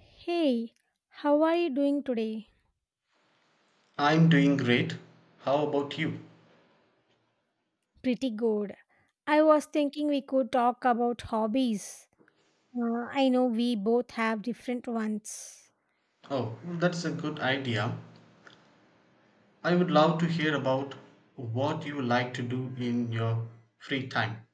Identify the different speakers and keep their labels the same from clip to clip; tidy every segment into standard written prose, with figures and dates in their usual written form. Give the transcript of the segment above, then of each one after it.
Speaker 1: Hey, how are you doing today?
Speaker 2: I'm doing great. How about you?
Speaker 1: Pretty good. I was thinking we could talk about hobbies. I know we both have different ones.
Speaker 2: Oh, that's a good idea. I would love to hear about what you like to do in your free time.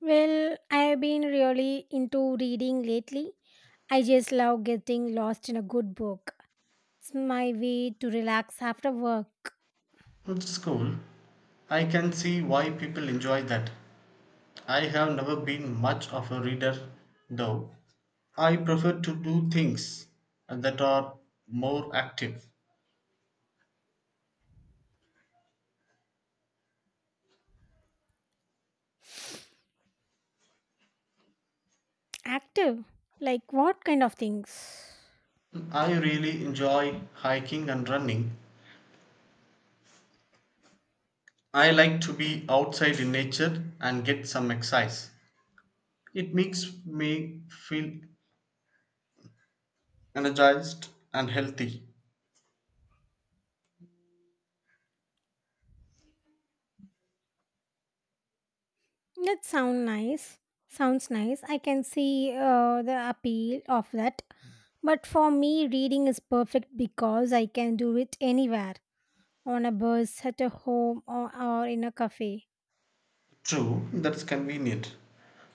Speaker 1: Well, I've been really into reading lately. I just love getting lost in a good book. It's my way to relax after work.
Speaker 2: It's cool. I can see why people enjoy that. I have never been much of a reader, though. I prefer to do things that are more active.
Speaker 1: Active. Like what kind of things?
Speaker 2: I really enjoy hiking and running. I like to be outside in nature and get some exercise. It makes me feel energized and healthy.
Speaker 1: That sound nice. Sounds nice. I can see the appeal of that. But for me, reading is perfect because I can do it anywhere, on a bus, at a home, or in a cafe.
Speaker 2: True, that's convenient.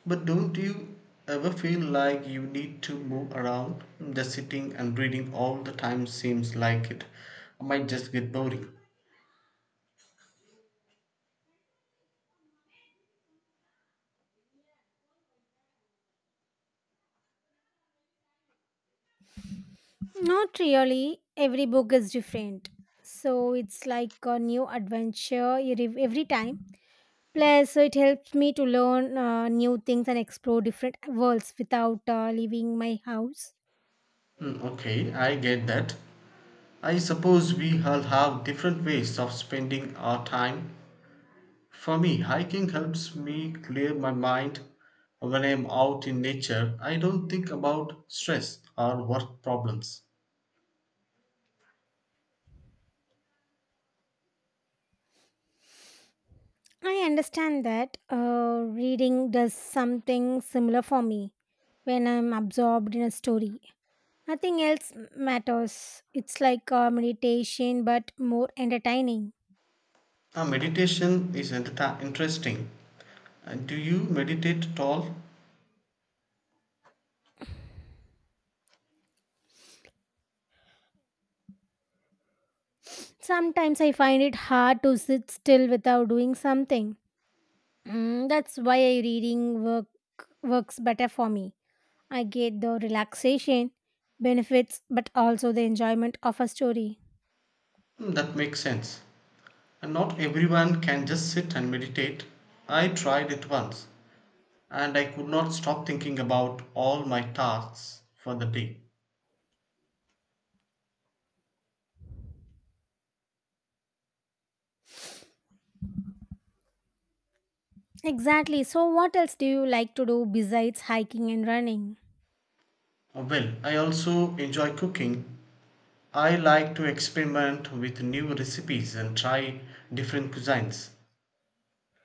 Speaker 2: But don't you ever feel like you need to move around? Just sitting and reading all the time seems like it might just get boring.
Speaker 1: Not really. Every book is different. So it's like a new adventure every time. Plus, it helps me to learn new things and explore different worlds without leaving my house.
Speaker 2: Okay, I get that. I suppose we all have different ways of spending our time. For me, hiking helps me clear my mind when I'm out in nature. I don't think about stress or work problems.
Speaker 1: I understand that, reading does something similar for me when I'm absorbed in a story. Nothing else matters. It's like a meditation but more entertaining.
Speaker 2: Now, meditation is interesting. Do you meditate at all?
Speaker 1: Sometimes I find it hard to sit still without doing something. That's why I reading work works better for me. I get the relaxation benefits but also the enjoyment of a story.
Speaker 2: That makes sense. And not everyone can just sit and meditate. I tried it once and I could not stop thinking about all my tasks for the day.
Speaker 1: Exactly. So what else do you like to do besides hiking and running?
Speaker 2: Well, I also enjoy cooking. I like to experiment with new recipes and try different cuisines.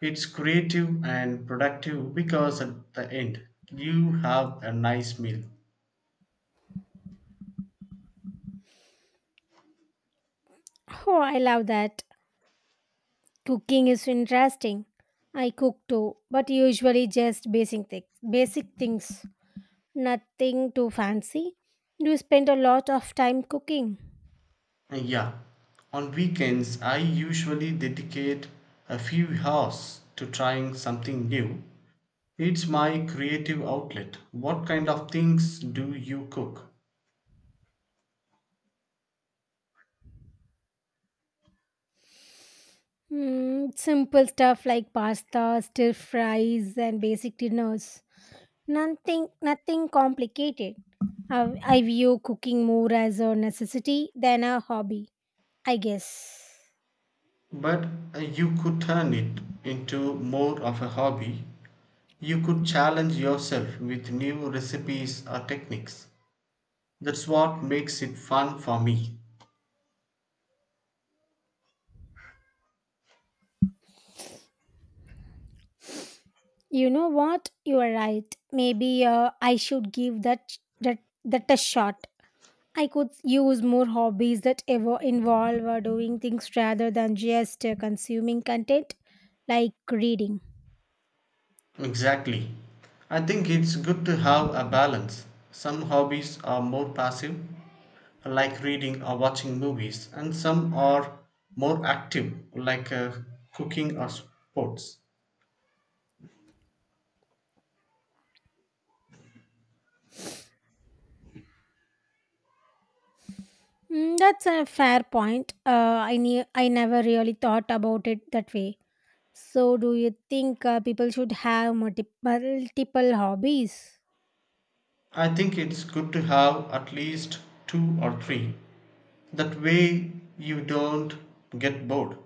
Speaker 2: It's creative and productive because at the end you have a nice meal.
Speaker 1: Oh, I love that. Cooking is interesting. I cook too, but usually just basic things. Basic things, nothing too fancy. Do you spend a lot of time cooking?
Speaker 2: And yeah, on weekends I usually dedicate a few hours to trying something new. It's my creative outlet. What kind of things do you cook?
Speaker 1: Hmm, simple stuff like pasta, stir fries, and basic dinners. Nothing complicated. I view cooking more as a necessity than a hobby, I guess.
Speaker 2: But you could turn it into more of a hobby. You could challenge yourself with new recipes or techniques. That's what makes it fun for me.
Speaker 1: You know what? You are right. Maybe I should give that a shot. I could use more hobbies that ever involve doing things rather than just consuming content like reading.
Speaker 2: Exactly. I think it's good to have a balance. Some hobbies are more passive, like reading or watching movies, and some are more active, like cooking or sports.
Speaker 1: That's a fair point. I never really thought about it that way. So, do you think people should have multiple hobbies?
Speaker 2: I think it's good to have at least two or three. That way, you don't get bored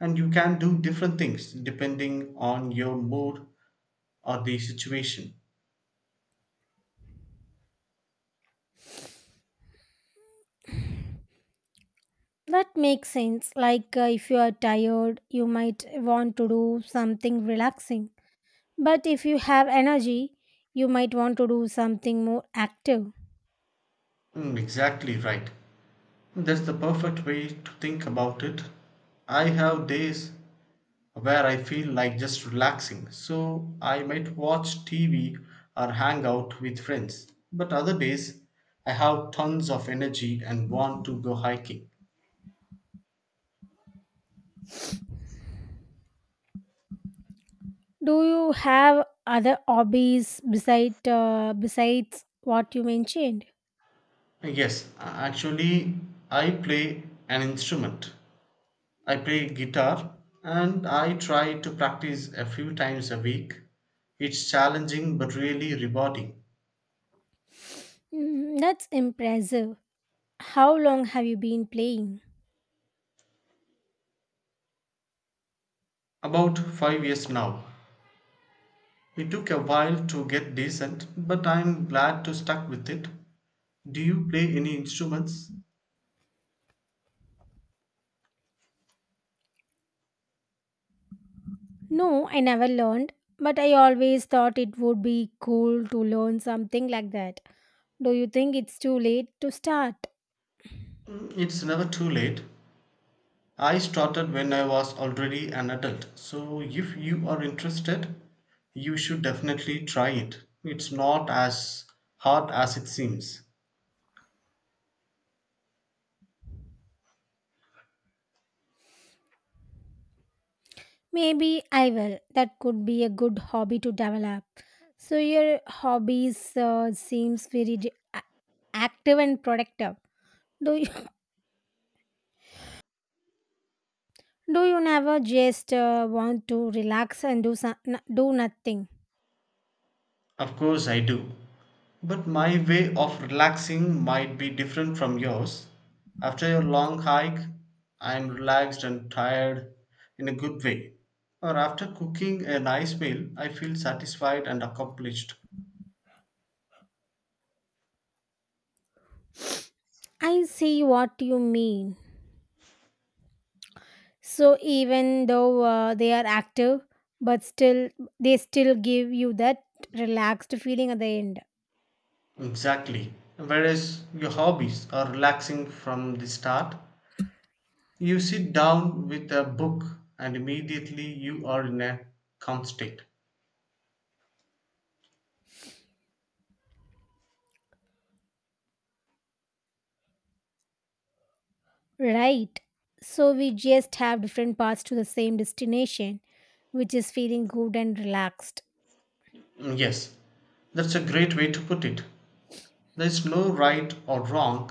Speaker 2: and you can do different things depending on your mood or the situation.
Speaker 1: That makes sense. Like, if you are tired, you might want to do something relaxing. But if you have energy, you might want to do something more active.
Speaker 2: Exactly right. That's the perfect way to think about it. I have days where I feel like just relaxing, so I might watch TV or hang out with friends. But other days, I have tons of energy and want to go hiking.
Speaker 1: Do you have other hobbies besides what you mentioned?
Speaker 2: Yes, actually, I play an instrument. I play guitar and I try to practice a few times a week. It's challenging but really rewarding.
Speaker 1: That's impressive. How long have you been playing?
Speaker 2: About 5 years now. It took a while to get decent, but I'm glad to stuck with it. Do you play any instruments?
Speaker 1: No, I never learned, but I always thought it would be cool to learn something like that. Do you think it's too late to start?
Speaker 2: It's never too late. I started when I was already an adult, so if you are interested, you should definitely try it. It's not as hard as it seems.
Speaker 1: Maybe I will. That could be a good hobby to develop. So your hobbies seems very active and productive. Do Do you never just want to relax and do some, do nothing?
Speaker 2: Of course, I do. But my way of relaxing might be different from yours. After a long hike, I'm relaxed and tired in a good way. Or after cooking a nice meal, I feel satisfied and accomplished.
Speaker 1: I see what you mean. So even though they are active, but still they still give you that relaxed feeling at the end,
Speaker 2: Exactly. Whereas your hobbies are relaxing from the start, you sit down with a book and immediately you are in a calm state.
Speaker 1: right? So we just have different paths to the same destination, which is feeling good and relaxed.
Speaker 2: Yes, that's a great way to put it. There is no right or wrong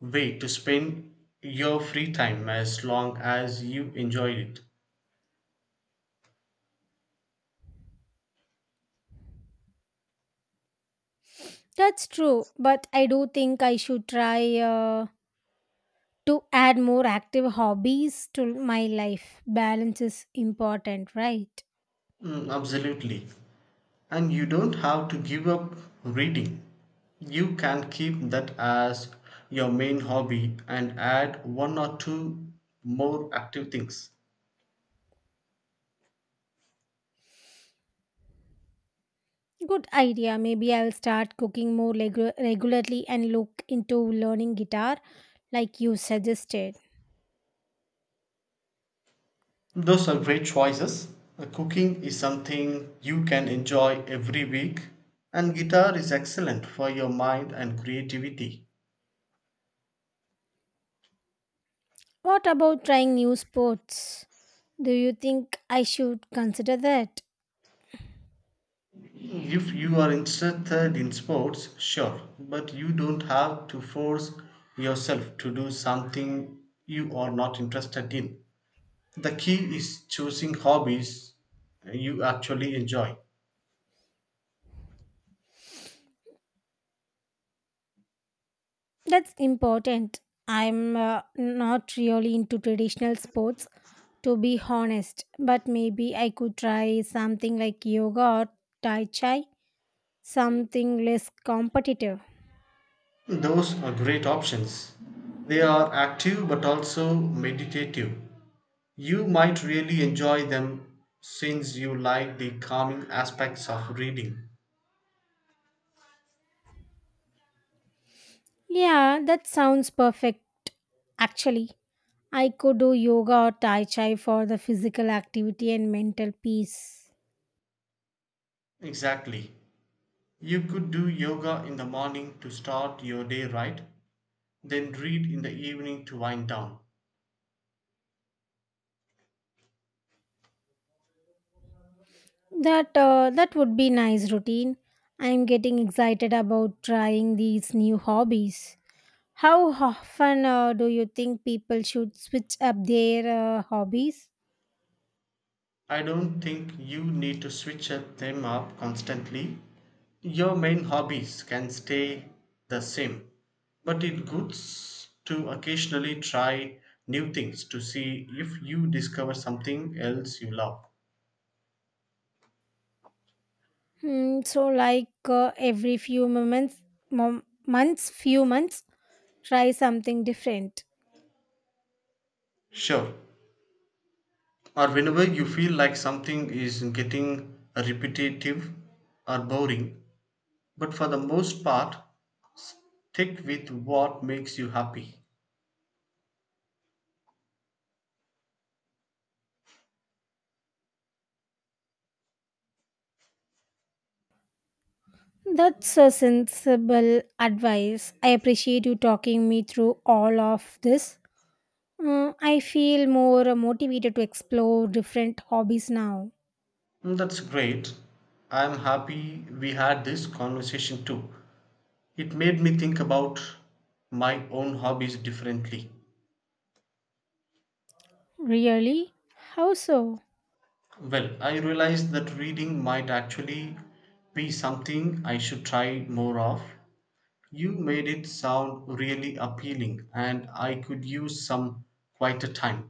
Speaker 2: way to spend your free time as long as you enjoy it.
Speaker 1: That's true, but I do think I should try to add more active hobbies to my life. Balance is important, right?
Speaker 2: Absolutely. And you don't have to give up reading. You can keep that as your main hobby and add one or two more active things.
Speaker 1: Good idea. Maybe I'll start cooking more regularly and look into learning guitar like you suggested.
Speaker 2: Those are great choices. Cooking is something you can enjoy every week, and guitar is excellent for your mind and creativity.
Speaker 1: What about trying new sports? Do you think I should consider that?
Speaker 2: If you are interested in sports, sure, but you don't have to force yourself to do something you are not interested in. The key is choosing hobbies you actually enjoy.
Speaker 1: That's important. I'm not really into traditional sports to be honest, but maybe I could try something like yoga or tai chi, something less competitive.
Speaker 2: Those are great options. They are active but also meditative. You might really enjoy them since you like the calming aspects of reading.
Speaker 1: Yeah, that sounds perfect actually. I could do yoga or tai chi for the physical activity and mental peace.
Speaker 2: Exactly. You could do yoga in the morning to start your day right. Then read in the evening to wind down.
Speaker 1: That that would be nice routine. I'm getting excited about trying these new hobbies. How often do you think people should switch up their hobbies?
Speaker 2: I don't think you need to switch them up constantly. Your main hobbies can stay the same, but it's good to occasionally try new things to see if you discover something else you love.
Speaker 1: Hmm, so like, every few months, few months, try something different.
Speaker 2: Sure. Or whenever you feel like something is getting repetitive or boring, but for the most part, stick with what makes you happy.
Speaker 1: That's a sensible advice. I appreciate you talking me through all of this. I feel more motivated to explore different hobbies now.
Speaker 2: That's great. I'm happy we had this conversation too. It made me think about my own hobbies differently.
Speaker 1: Really? How so?
Speaker 2: Well, I realized that reading might actually be something I should try more of. You made it sound really appealing, and I could use some quieter time.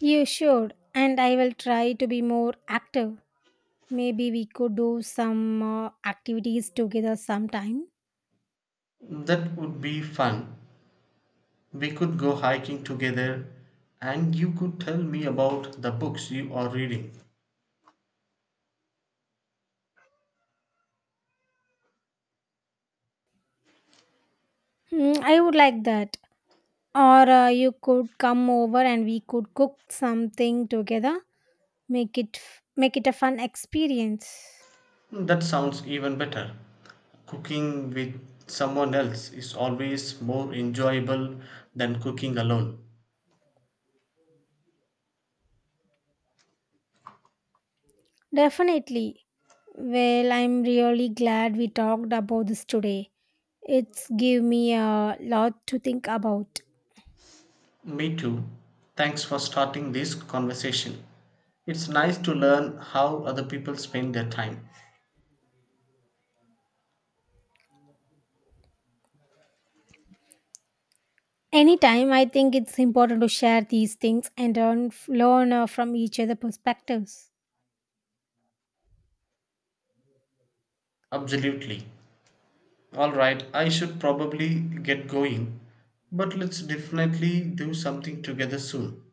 Speaker 1: You should, and I will try to be more active. Maybe we could do some activities together sometime.
Speaker 2: That would be fun. We could go hiking together, and you could tell me about the books you are reading.
Speaker 1: Hmm, I would like that. Or you could come over and we could cook something together. Make it a fun experience.
Speaker 2: That sounds even better. Cooking with someone else is always more enjoyable than cooking alone.
Speaker 1: Definitely. Well, I'm really glad we talked about this today. It's give me a lot to think about.
Speaker 2: Me too. Thanks for starting this conversation. It's nice to learn how other people spend their time.
Speaker 1: Anytime, I think it's important to share these things and learn from each other perspectives.
Speaker 2: Absolutely. All right, I should probably get going, but let's definitely do something together soon.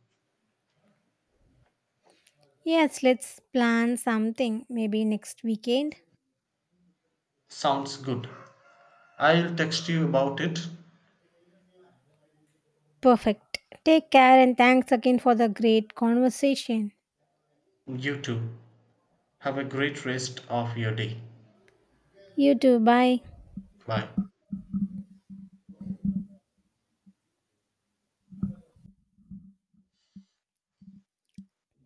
Speaker 1: Yes, let's plan something maybe next weekend.
Speaker 2: Sounds good. I'll text you about it.
Speaker 1: Perfect. Take care and thanks again for the great conversation.
Speaker 2: You too. Have a great rest of your day.
Speaker 1: You too. Bye.
Speaker 2: Bye.